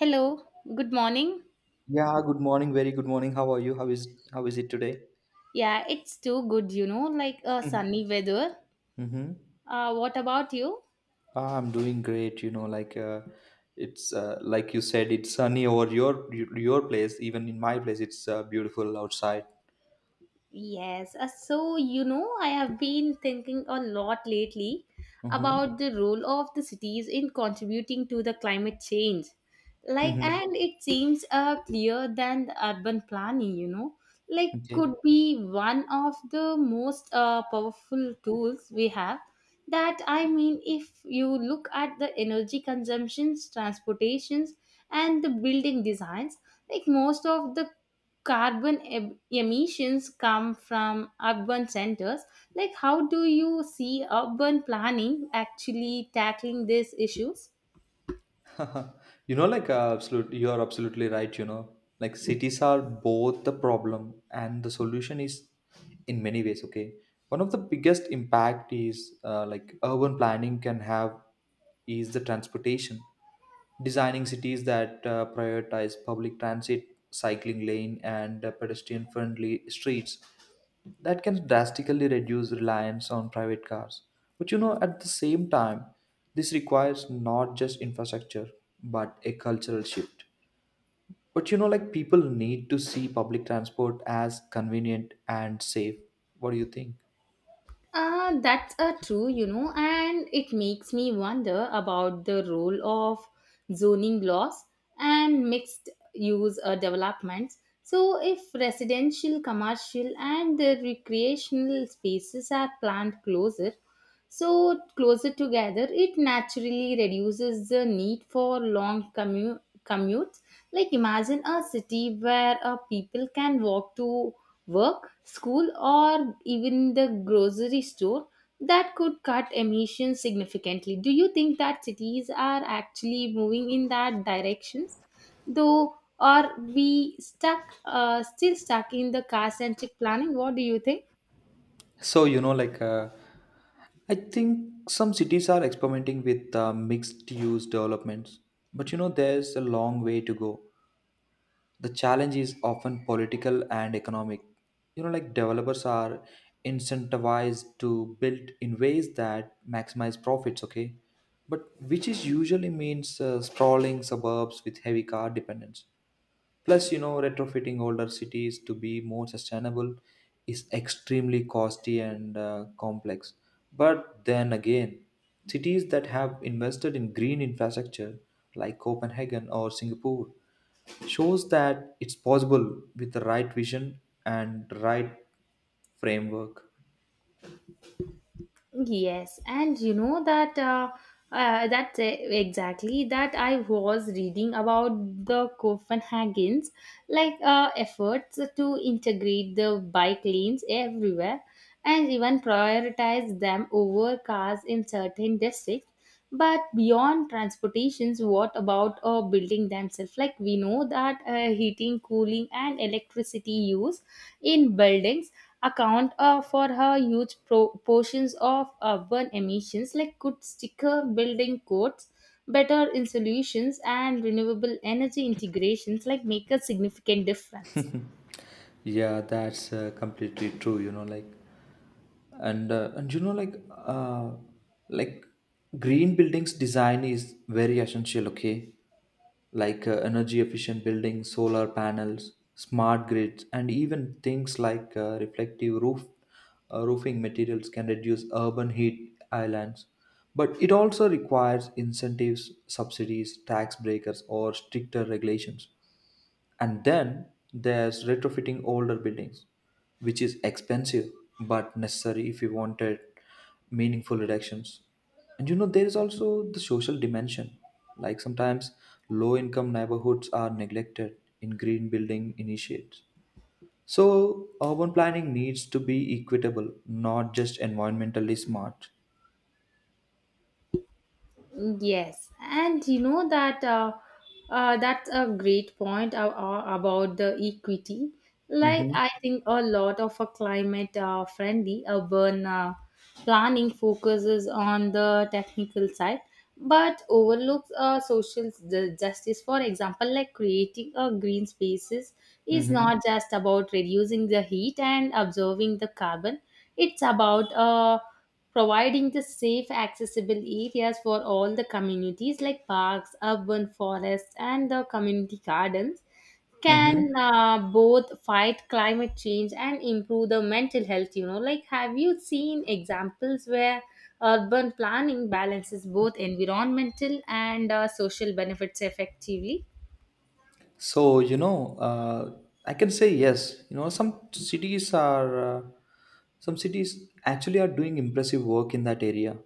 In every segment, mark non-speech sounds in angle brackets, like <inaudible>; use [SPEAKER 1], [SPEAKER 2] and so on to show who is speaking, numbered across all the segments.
[SPEAKER 1] Hello, good morning.
[SPEAKER 2] Yeah, good morning. Very good morning. How are you? How is it today?
[SPEAKER 1] Yeah, it's too good, like a
[SPEAKER 2] Mm-hmm.
[SPEAKER 1] sunny weather.
[SPEAKER 2] Mm-hmm.
[SPEAKER 1] What about you?
[SPEAKER 2] Ah, I'm doing great. It's like you said, it's sunny over your place. Even in my place, it's beautiful outside.
[SPEAKER 1] Yes, so I have been thinking a lot lately
[SPEAKER 2] Mm-hmm.
[SPEAKER 1] about the role of the cities in contributing to the climate change. Like,
[SPEAKER 2] Mm-hmm.
[SPEAKER 1] and it seems clear than the urban planning, like could
[SPEAKER 2] Okay.
[SPEAKER 1] be one of the most powerful tools we have. That I mean, if you look at the energy consumptions, transportations, and the building designs, like most of the carbon emissions come from urban centers. Like how do you see urban planning actually tackling these issues?
[SPEAKER 2] <laughs> You are absolutely right, you know, like cities are both the problem and the solution is in many ways. Okay, one of the biggest impact is like urban planning can have is the transportation, designing cities that prioritize public transit, cycling lane, and pedestrian friendly streets that can drastically reduce reliance on private cars. But you know, at the same time, this requires not just infrastructure but a cultural shift. But you know, like people need to see public transport as convenient and safe. What do you think?
[SPEAKER 1] That's a true, and it makes me wonder about the role of zoning laws and mixed use developments. So, if residential, commercial, and the recreational spaces are planned closer, so closer together, it naturally reduces the need for long commutes. Like imagine a city where people can walk to work, school, or even the grocery store that could cut emissions significantly. Do you think that cities are actually moving in that directions, though, or we stuck still stuck in the car centric planning? What do you think?
[SPEAKER 2] So, you know, like uh, I think some cities are experimenting with mixed use developments, but you know, there's a long way to go. The challenge is often political and economic. You know, like developers are incentivized to build in ways that maximize profits. Okay, but which is usually means sprawling suburbs with heavy car dependence. Plus you know, retrofitting older cities to be more sustainable is extremely costly and complex. But then again, cities that have invested in green infrastructure like Copenhagen or Singapore shows that it's possible with the right vision and right framework.
[SPEAKER 1] Yes, and that's exactly that I was reading about the Copenhagen's like efforts to integrate the bike lanes everywhere and even prioritize them over cars in certain districts. But beyond transportations, what about a building themselves? Like we know that heating, cooling, and electricity use in buildings account for a huge portions of urban emissions. Like could sticker building codes, better insulations, and renewable energy integrations like make a significant difference.
[SPEAKER 2] Yeah that's completely true, you know, like. And you know like Green buildings design is very essential. Okay, like energy efficient buildings, solar panels, smart grids, and even things like reflective roof roofing materials can reduce urban heat islands. But it also requires incentives, subsidies, tax breakers, or stricter regulations. And then there's retrofitting older buildings, which is expensive but necessary if you wanted meaningful reductions. And you know, there is also the social dimension. Like sometimes low income neighborhoods are neglected in green building initiates. So, urban planning needs to be equitable, not just environmentally smart.
[SPEAKER 1] Yes, and that's a great point about the equity. Like
[SPEAKER 2] Mm-hmm.
[SPEAKER 1] I think a lot of a climate friendly urban planning focuses on the technical side, but overlooks social justice. For example, like creating a green spaces is
[SPEAKER 2] Mm-hmm.
[SPEAKER 1] not just about reducing the heat and absorbing the carbon. It's about providing the safe accessible areas for all the communities, like parks, urban forests, and the community gardens can
[SPEAKER 2] Mm-hmm.
[SPEAKER 1] both fight climate change and improve the mental health. Like, have you seen examples where urban planning balances both environmental and social benefits effectively?
[SPEAKER 2] So, you know, I can say yes. You know, some cities actually are doing impressive work in that area.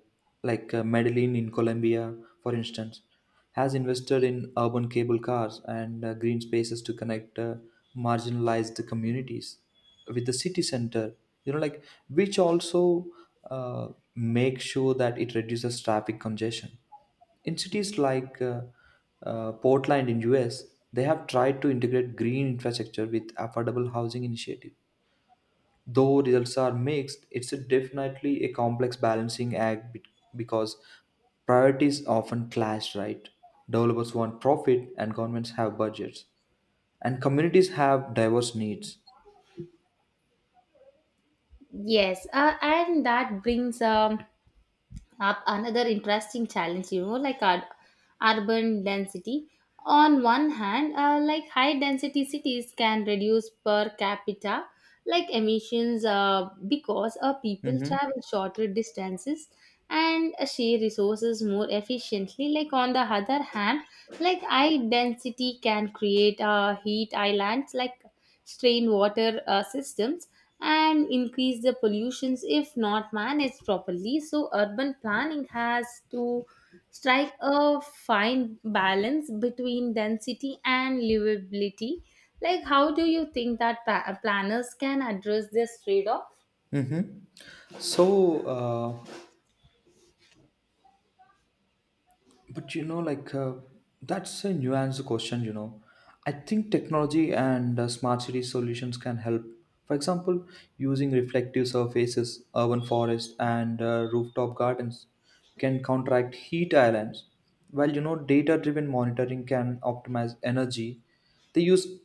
[SPEAKER 2] Like Medellin in Colombia, for instance, has invested in urban cable cars and green spaces to connect marginalized communities with the city center. You know, like which also uh, make sure that it reduces traffic congestion in cities like Portland in US. They have tried to integrate green infrastructure with affordable housing initiative. Though results are mixed, it's a definitely a complex balancing act because priorities often clash, right? Developers want profit and governments have budgets, and communities have diverse needs.
[SPEAKER 1] Yes, and that brings up another interesting challenge. Like, our urban density on one hand, like high density cities can reduce per capita like emissions, because people
[SPEAKER 2] Mm-hmm.
[SPEAKER 1] travel shorter distances and share resources more efficiently. Like on the other hand, like high density can create heat islands, like strained water systems and increase the pollutions if not managed properly. So urban planning has to strike a fine balance between density and livability. Like how do you think that planners can address this trade off?
[SPEAKER 2] Mm-hmm. So, But you know, like that's a nuanced question. You know, I think technology and smart city solutions can help. For example, using reflective surfaces, urban forests, and rooftop gardens can counteract heat islands. While you know, data-driven monitoring can optimize energy. They use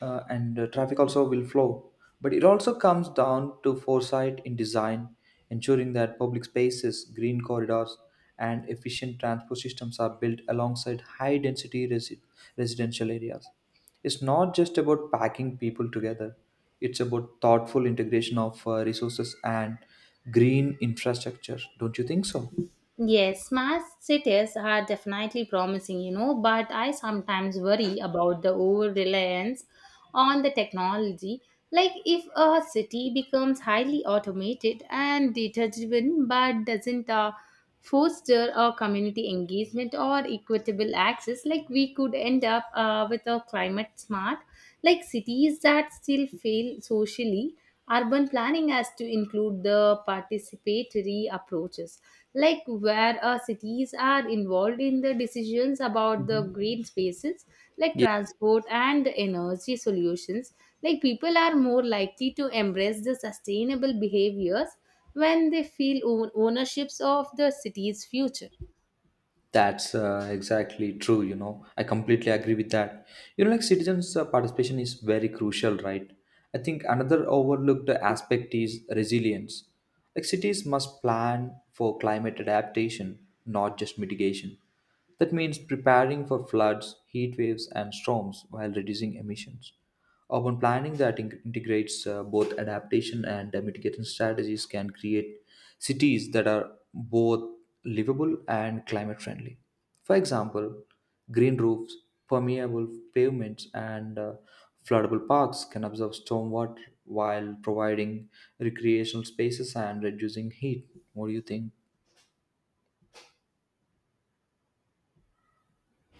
[SPEAKER 2] and traffic also will flow. But it also comes down to foresight in design, ensuring that public spaces, green corridors, and efficient transport systems are built alongside high density residential areas. It's not just about packing people together, it's about thoughtful integration of resources and green infrastructure. Don't you think so?
[SPEAKER 1] Yes, smart cities are definitely promising, but I sometimes worry about the over reliance on the technology. Like, if a city becomes highly automated and data driven but doesn't foster a community engagement or equitable access, like, we could end up with a climate smart, like cities that still fail socially. Urban planning has to include the participatory approaches, like where cities are involved in the decisions about the
[SPEAKER 2] Mhm.
[SPEAKER 1] green spaces, like transport and energy solutions. Like people are more likely to embrace the sustainable behaviors when they feel ownerships of the city's future.
[SPEAKER 2] That's exactly true. You know, I completely agree with that. You know, like citizens' participation is very crucial, right? I think another overlooked aspect is resilience. Like cities must plan for climate adaptation, not just mitigation. That means preparing for floods, heat waves, and storms while reducing emissions. Urban planning that integrates both adaptation and mitigation strategies can create cities that are both livable and climate friendly. For example, green roofs, permeable pavements, and floodable parks can absorb stormwater while providing recreational spaces and reducing heat. What do you think?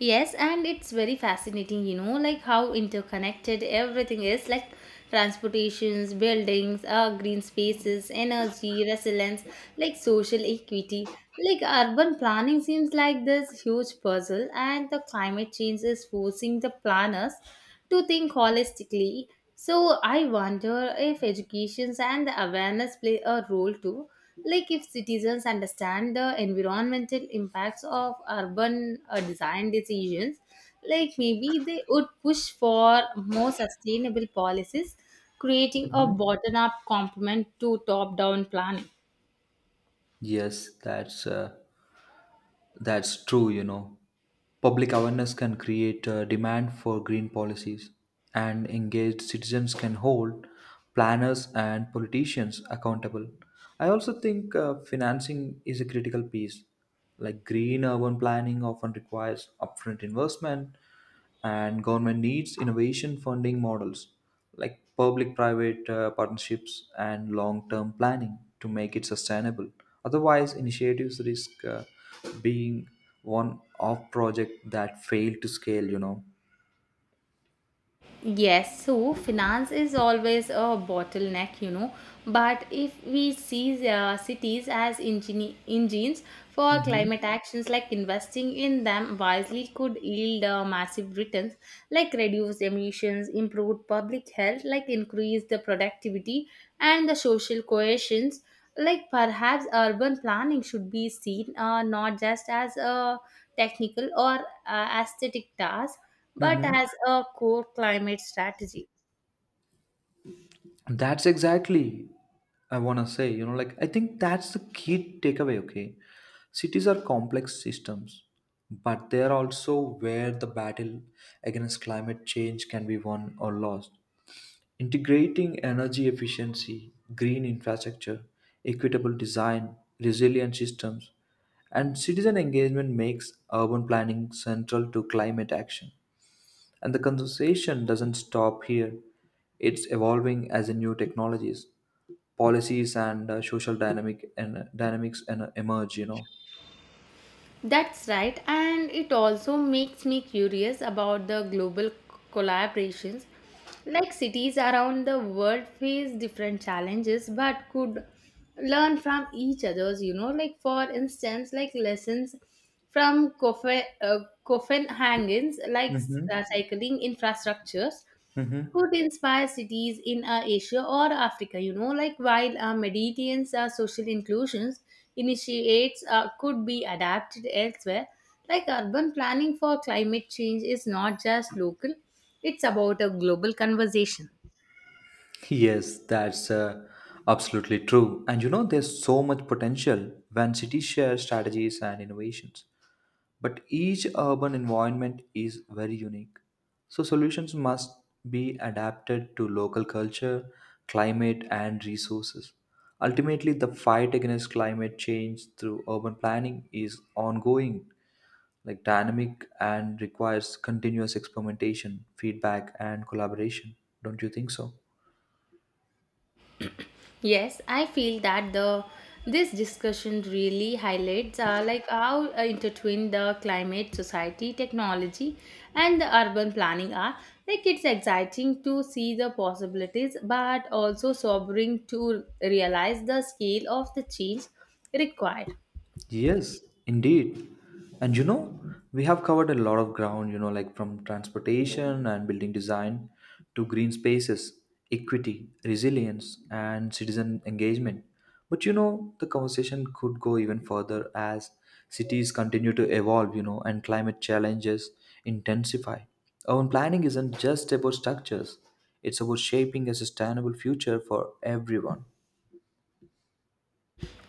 [SPEAKER 1] Yes, and it's very fascinating, like how interconnected everything is, like transportations, buildings, green spaces, energy, resilience, like social equity. Like urban planning seems like this huge puzzle, and the climate change is forcing the planners to think holistically. So I wonder if education and the awareness play a role too. Like if citizens understand the environmental impacts of urban design decisions, like maybe they would push for more sustainable policies, creating a
[SPEAKER 2] Mhm.
[SPEAKER 1] bottom-up complement to top-down planning.
[SPEAKER 2] Yes, that's true, you know. Public awareness can create a demand for green policies, and engaged citizens can hold planners and politicians accountable. I also think financing is a critical piece. Like green urban planning often requires upfront investment, and government needs innovation funding models like public private partnerships and long term planning to make it sustainable. Otherwise, initiatives risk being one off project that fail to scale, you know.
[SPEAKER 1] Yes, so finance is always a bottleneck, But if we see cities as engines for
[SPEAKER 2] Mm-hmm.
[SPEAKER 1] climate actions, like investing in them wisely could yield massive returns, like reduced emissions, improved public health, like increase the productivity and the social cohesions. Like perhaps urban planning should be seen not just as a technical or aesthetic task but
[SPEAKER 2] Mm-hmm.
[SPEAKER 1] as a core climate strategy.
[SPEAKER 2] That's exactly I want to say, you know, like I think that's the key takeaway, okay? Cities are complex systems, but they are also where the battle against climate change can be won or lost. Integrating energy efficiency, green infrastructure, equitable design, resilient systems, and citizen engagement makes urban planning central to climate action. And the conversation doesn't stop here. It's evolving as a new technologies, policies, and social dynamics and emerge, you know.
[SPEAKER 1] That's right, and it also makes me curious about the global collaborations. Like cities around the world face different challenges but could learn from each other's, like for instance, like lessons from Copenhagen's like
[SPEAKER 2] Mm-hmm.
[SPEAKER 1] cycling infrastructures
[SPEAKER 2] Mm-hmm.
[SPEAKER 1] could inspire cities in Asia or Africa. Like, while Mediterranean's social inclusions initiates could be adapted elsewhere. Like urban planning for climate change is not just local; it's about a global conversation.
[SPEAKER 2] Yes, that's absolutely true. And you know, there's so much potential when cities share strategies and innovations. But each urban environment is very unique. So solutions must be adapted to local culture, climate, and resources. Ultimately, the fight against climate change through urban planning is ongoing, like dynamic, and requires continuous experimentation, feedback, and collaboration. Don't you think so?
[SPEAKER 1] Yes, I feel that the this discussion really highlights like how intertwined the climate, society, technology, and the urban planning are. Like it's exciting to see the possibilities, but also sobering to realize the scale of the change required.
[SPEAKER 2] Yes, indeed. And you know, we have covered a lot of ground, you know, like from transportation and building design to green spaces, equity, resilience, and citizen engagement. But you know, the conversation could go even further as cities continue to evolve, you know, and climate challenges intensify. Urban planning isn't just about structures, it's about shaping a sustainable future for everyone.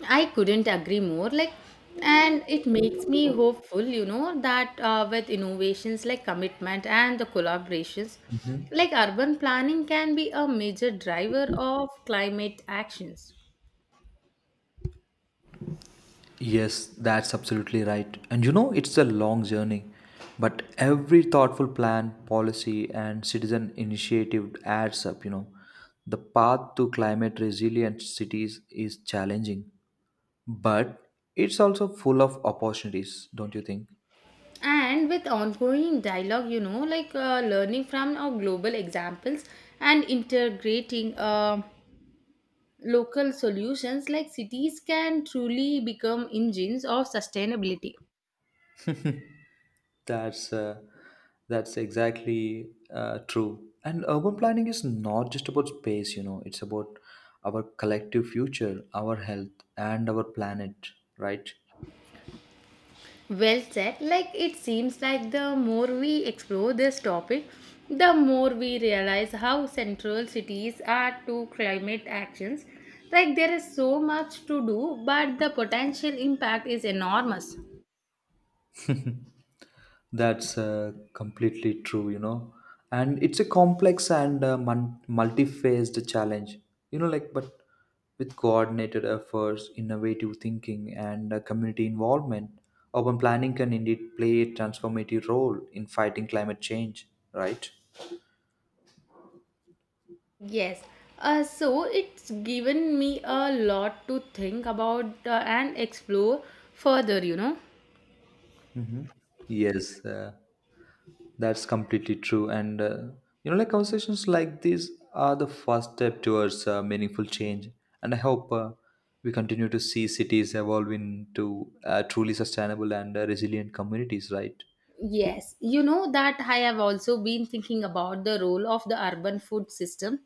[SPEAKER 1] I couldn't agree more. Like, and it makes me hopeful, that with innovations like commitment and the collaborations,
[SPEAKER 2] Mhm.
[SPEAKER 1] like urban planning can be a major driver of climate actions.
[SPEAKER 2] Yes, that's absolutely right. And you know, it's a long journey, but every thoughtful plan, policy, and citizen initiative adds up. You know, the path to climate resilient cities is challenging, but it's also full of opportunities, don't you think?
[SPEAKER 1] And with ongoing dialogue, like learning from our global examples and integrating local solutions, like cities can truly become engines of sustainability.
[SPEAKER 2] That's uh, that's exactly true. And urban planning is not just about space, you know, it's about our collective future, our health, and our planet, right?
[SPEAKER 1] Well said. Like it seems like the more we explore this topic, the more we realize how central cities are to climate actions. Like there is so much to do, but the potential impact is enormous.
[SPEAKER 2] That's completely true, you know. And it's a complex and multi-phased challenge, you know, like, but with coordinated efforts, innovative thinking, and community involvement, urban planning can indeed play a transformative role in fighting climate change, right?
[SPEAKER 1] Yes. So it's given me a lot to think about and explore further,
[SPEAKER 2] Mm-hmm. Yes. That's completely true. And, you know, like conversations like these are the first step towards meaningful change. And I hope we continue to see cities evolve into truly sustainable and resilient communities, right?
[SPEAKER 1] Yes, you know that I have also been thinking about the role of the urban food system.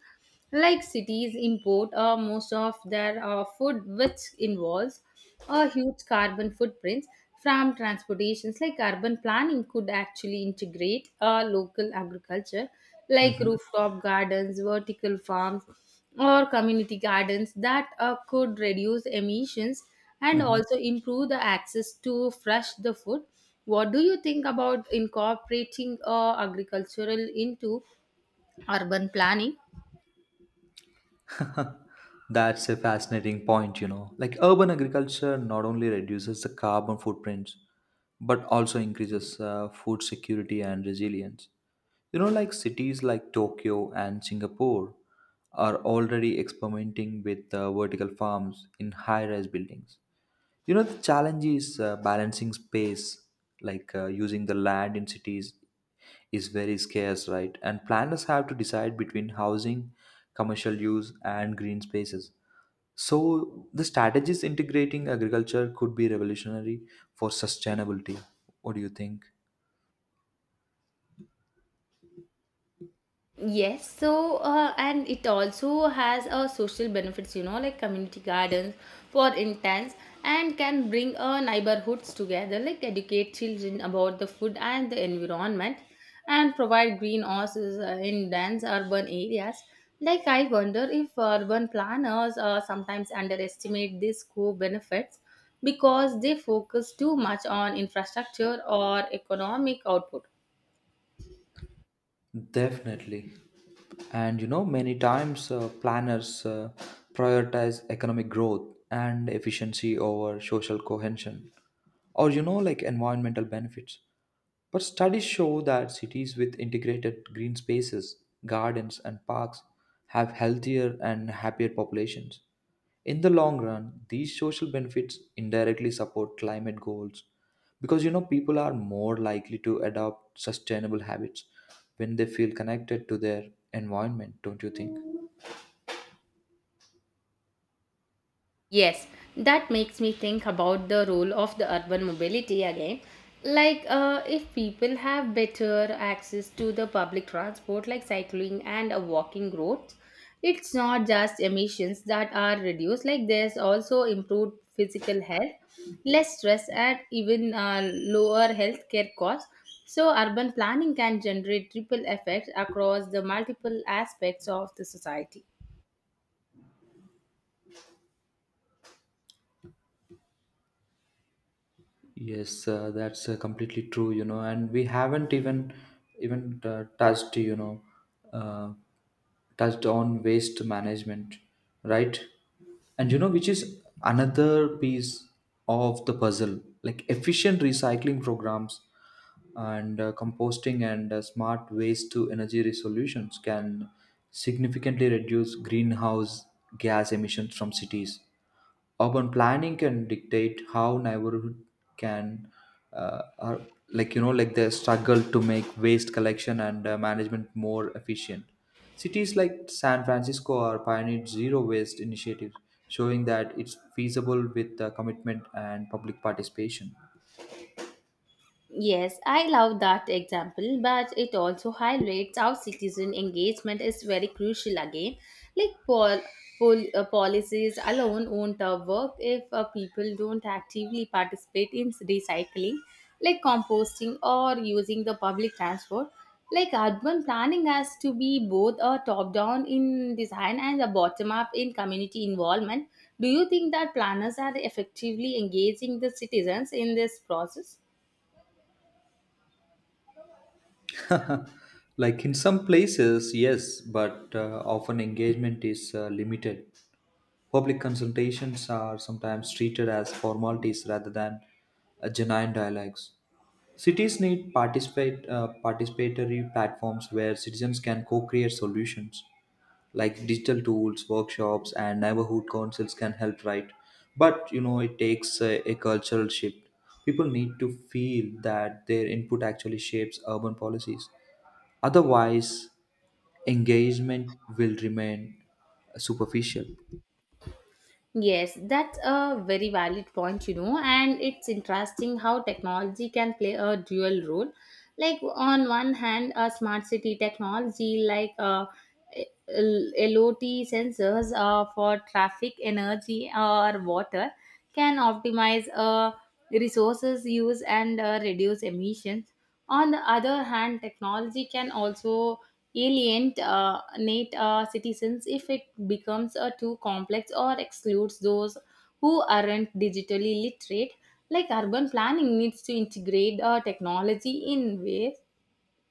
[SPEAKER 1] Like cities import most of their food, which involves a huge carbon footprint from transportations. Like urban planning could actually integrate local agriculture, like
[SPEAKER 2] Mm-hmm.
[SPEAKER 1] rooftop gardens, vertical farms, or community gardens that could reduce emissions and
[SPEAKER 2] Mm-hmm.
[SPEAKER 1] also improve the access to fresh the food. What do you think about incorporating agricultural into urban planning?
[SPEAKER 2] <laughs> That's a fascinating point, you know. Like urban agriculture not only reduces the carbon footprints, but also increases food security and resilience. You know, like cities like Tokyo and Singapore are already experimenting with vertical farms in high rise buildings. You know, the challenge is balancing space, like using the land in cities is very scarce, right? And planners have to decide between housing, commercial use, and green spaces. So, the strategies integrating agriculture could be revolutionary for sustainability. What do you think?
[SPEAKER 1] Yes, so and it also has a social benefits, like community gardens for interns and can bring neighborhoods together, like educate children about the food and the environment and provide greenhouses in dense urban areas. Like I wonder if urban planners sometimes underestimate these co-benefits because they focus too much on infrastructure or economic output.
[SPEAKER 2] Definitely. And you know, many times planners prioritize economic growth and efficiency over social cohesion or, you know, like environmental benefits. But studies show that cities with integrated green spaces, gardens, and parks have healthier and happier populations. In the long run, these social benefits indirectly support climate goals because you know people are more likely to adopt sustainable habits when they feel connected to their environment, don't you think?
[SPEAKER 1] Yes, that makes me think about the role of the urban mobility again. Like, if people have better access to the public transport, like cycling and walking roads, it's not just emissions that are reduced, like, there's also improved physical health, less stress, and even lower healthcare costs. So, urban planning can generate triple effects across the multiple aspects of the society.
[SPEAKER 2] Yes, that's completely true, you know, and we haven't even touched, you know, uh, touched on waste management, right? And you know, which is another piece of the puzzle. Like efficient recycling programs and composting and smart waste to energy solutions can significantly reduce greenhouse gas emissions from cities. Urban planning can dictate how neighborhood can, are, like you know, like the struggle to make waste collection and management more efficient. Cities like San Francisco are pioneered zero waste initiatives, showing that it's feasible with commitment and public participation.
[SPEAKER 1] Yes, I love that example, but it also highlights how citizen engagement is very crucial again. Like policies alone won't work if people don't actively participate in recycling, like composting or using the public transport. Like urban planning has to be both a top-down in design and a bottom-up in community involvement. Do you think that planners are effectively engaging the citizens in this process?
[SPEAKER 2] <laughs> Like in some places, yes, but often engagement is limited. Public consultations are sometimes treated as formalities rather than genuine dialogues. Cities need participatory platforms where citizens can co create solutions. Like digital tools, workshops, and neighborhood councils can help, right? But you know, it takes a cultural shift. People need to feel that their input actually shapes urban policies. Otherwise, engagement will remain superficial.
[SPEAKER 1] Yes, that's a very valid point, and it's interesting how technology can play a dual role. Like, on one hand, a smart city technology like LOT sensors for traffic, energy, or water can optimize resources use and reduce emissions. On the other hand, technology can also alienate citizens if it becomes too complex or excludes those who aren't digitally literate. Like urban planning needs to integrate technology in ways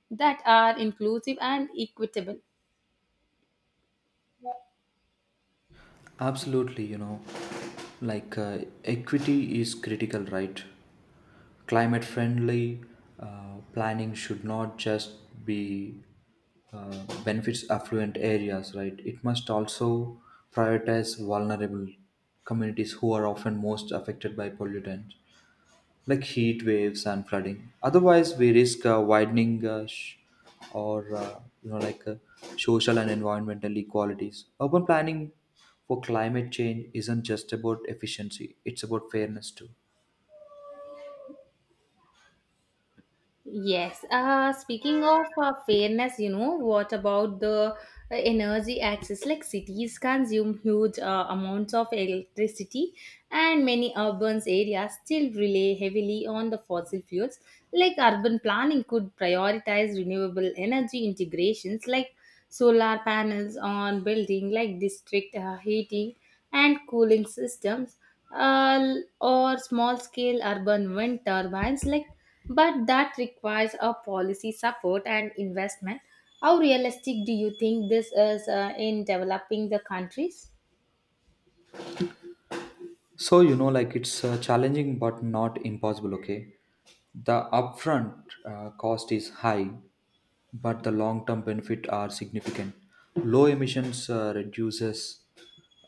[SPEAKER 1] that are inclusive and equitable.
[SPEAKER 2] Absolutely, you know, like equity is critical, right? Climate friendly planning should not just be benefits affluent areas, right? It must also prioritize vulnerable communities who are often most affected by pollutants, like heat waves and flooding. Otherwise, we risk widening sh- or you know like social and environmental inequalities. Urban planning for climate change isn't just about efficiency; it's about fairness too.
[SPEAKER 1] Yes. Speaking of fairness, what about the energy access? Like cities consume huge amounts of electricity, and many urban areas still rely heavily on the fossil fuels. Like urban planning could prioritize renewable energy integrations, like solar panels on buildings, like district heating and cooling systems, uh, or small scale urban wind turbines, like but that requires a policy support and investment. How realistic do you think this is in developing the countries?
[SPEAKER 2] So, you know, like it's challenging but not impossible, okay? The upfront cost is high, but the long term benefit are significant. Low emissions reduces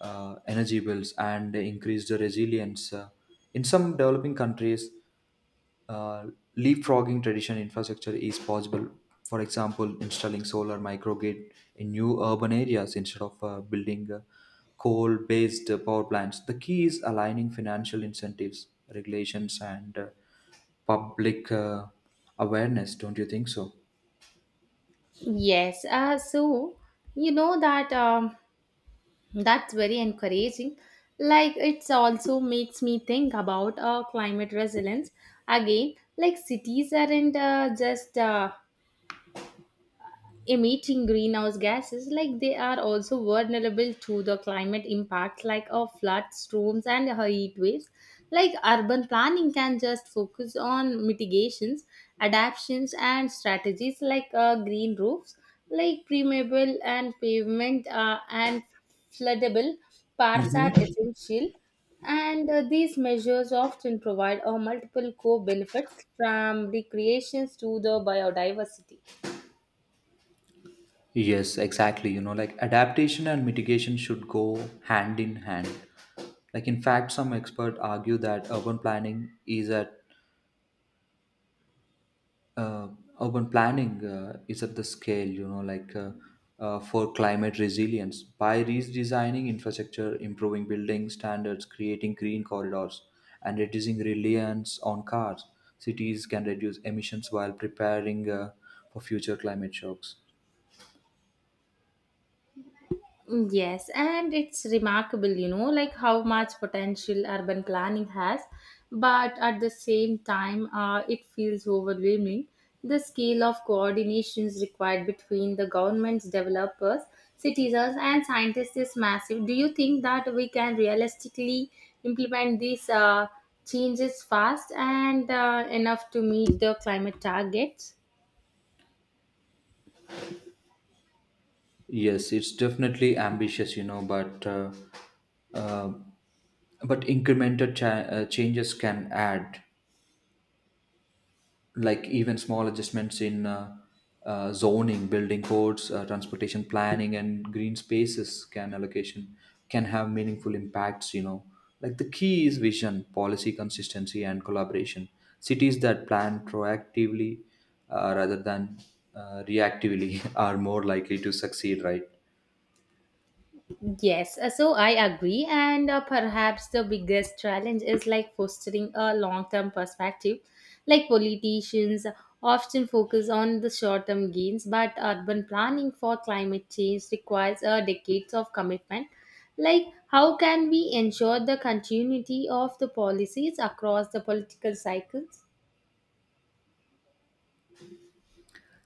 [SPEAKER 2] energy bills and increased resilience. In some developing countries, uh, leapfrogging traditional infrastructure is possible. For example, installing solar microgrid in new urban areas instead of building coal-based power plants. The key is aligning financial incentives, regulations, and public awareness. Don't you think so?
[SPEAKER 1] Yes, so you know that um, that's very encouraging. Like it also makes me think about climate resilience again. Like cities aren't just emitting greenhouse gases, like they are also vulnerable to the climate impacts like of floods, storms, and heat waves. Like urban planning can just focus on mitigations, adaptations, and strategies like green roofs, like permeable and pavement and floodable parks are
[SPEAKER 2] Mhm.
[SPEAKER 1] essential, and these measures often provide multiple co-benefits from recreations to the biodiversity.
[SPEAKER 2] Yes, exactly. You know, like adaptation and mitigation should go hand in hand. Like, in fact, some experts argue that uh, urban planning is at the scale, you know, like for climate resilience by redesigning infrastructure, improving building standards, creating green corridors, and reducing reliance on cars. Cities can reduce emissions while preparing for future climate shocks.
[SPEAKER 1] Mm, yes, and it's remarkable, like how much potential urban planning has, but at the same time, it feels overwhelming. The scale of coordinations required between the governments, developers, citizens, and scientists is massive. Do you think that we can realistically implement these changes fast and enough to meet the climate targets?
[SPEAKER 2] Yes, it's definitely ambitious, you know, uh, but incremental changes can add. Like even small adjustments in zoning, building codes, transportation planning, and green spaces can allocation can have meaningful impacts. You know, like the key is vision, policy consistency, and collaboration. Cities that plan proactively rather than reactively <laughs> are more likely to succeed, right?
[SPEAKER 1] Yes, so I agree, and perhaps the biggest challenge is like fostering a long term perspective. Like politicians often focus on the short term gains, but urban planning for climate change requires decades of commitment. Like, how can we ensure the continuity of the policies across the political cycles?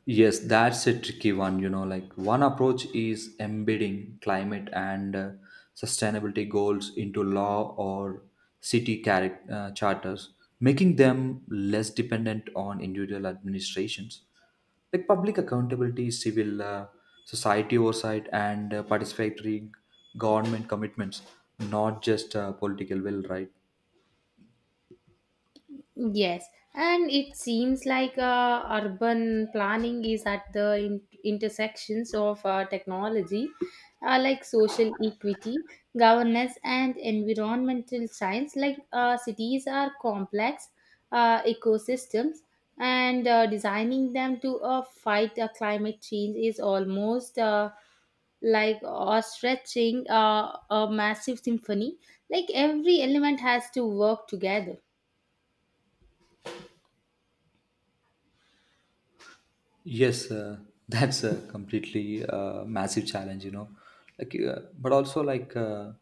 [SPEAKER 2] Yes, that's a tricky one. You know, like one approach is embedding climate and sustainability goals into law or city charters, making them less dependent on individual administrations. Like public accountability, civil society oversight, and participatory government commitments, not just political will, right?
[SPEAKER 1] Yes, and it seems like urban planning is at the intersections of technology, like social equity, governance, and environmental science. Like cities are complex ecosystems, and designing them to fight climate change is almost like or stretching a massive symphony. Like every element has to work together.
[SPEAKER 2] Yes, that's a completely massive challenge, you know. Like, but also like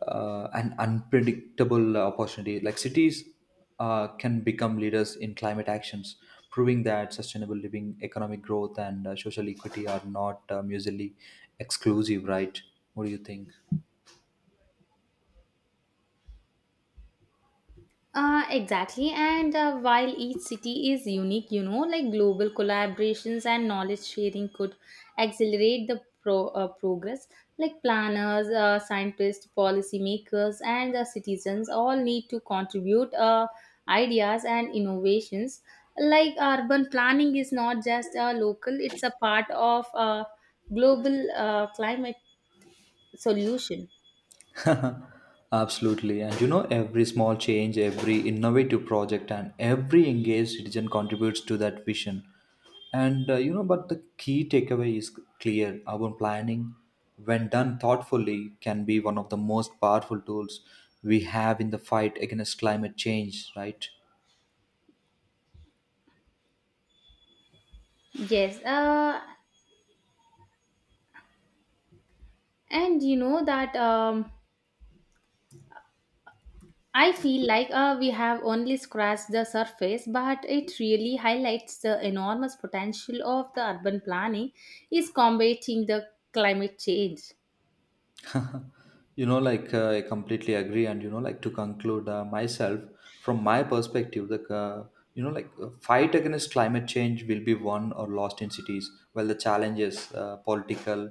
[SPEAKER 2] An unpredictable opportunity. Like cities can become leaders in climate actions, proving that sustainable living, economic growth, and social equity are not mutually exclusive. Right? What do you think?
[SPEAKER 1] Exactly, and while each city is unique, like global collaborations and knowledge sharing could accelerate the progress. Like planners, scientists, policymakers, and the citizens all need to contribute ideas and innovations. Like urban planning is not just local; it's a part of a global climate solution.
[SPEAKER 2] <laughs> Absolutely. And you know, every small change, every innovative project, and every engaged citizen contributes to that vision. And you know, but the key takeaway is clear urban planning, when done thoughtfully, can be one of the most powerful tools we have in the fight against climate change, right?
[SPEAKER 1] Yes, and you know that. I feel like we have only scratched the surface, but it really highlights the enormous potential of the urban planning is combating the climate change.
[SPEAKER 2] You know, like I completely agree. And you know, like to conclude myself from my perspective, the you know, like fight against climate change will be won or lost in cities. While the challenges political,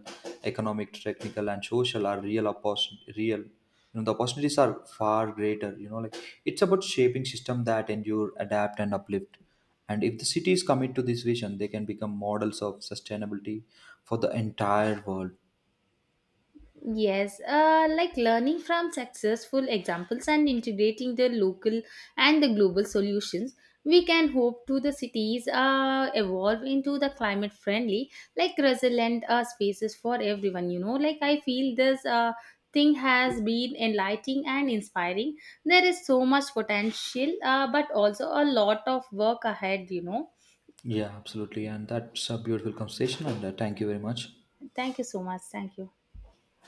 [SPEAKER 2] economic, technical, and social are real, real, you know, the opportunities are far greater. You know, like it's about shaping system that endure, adapt, and uplift. And if the cities commit to this vision, they can become models of sustainability for the entire world.
[SPEAKER 1] Yes, like learning from successful examples and integrating the local and the global solutions, we can hope to the cities evolve into the climate friendly, like resilient spaces for everyone. Like, I feel this thing has been enlightening and inspiring. There is so much potential, but also a lot of work ahead. You know,
[SPEAKER 2] Yeah, absolutely. And that's a beautiful conversation. And thank you very much.
[SPEAKER 1] thank you so much. Thank you.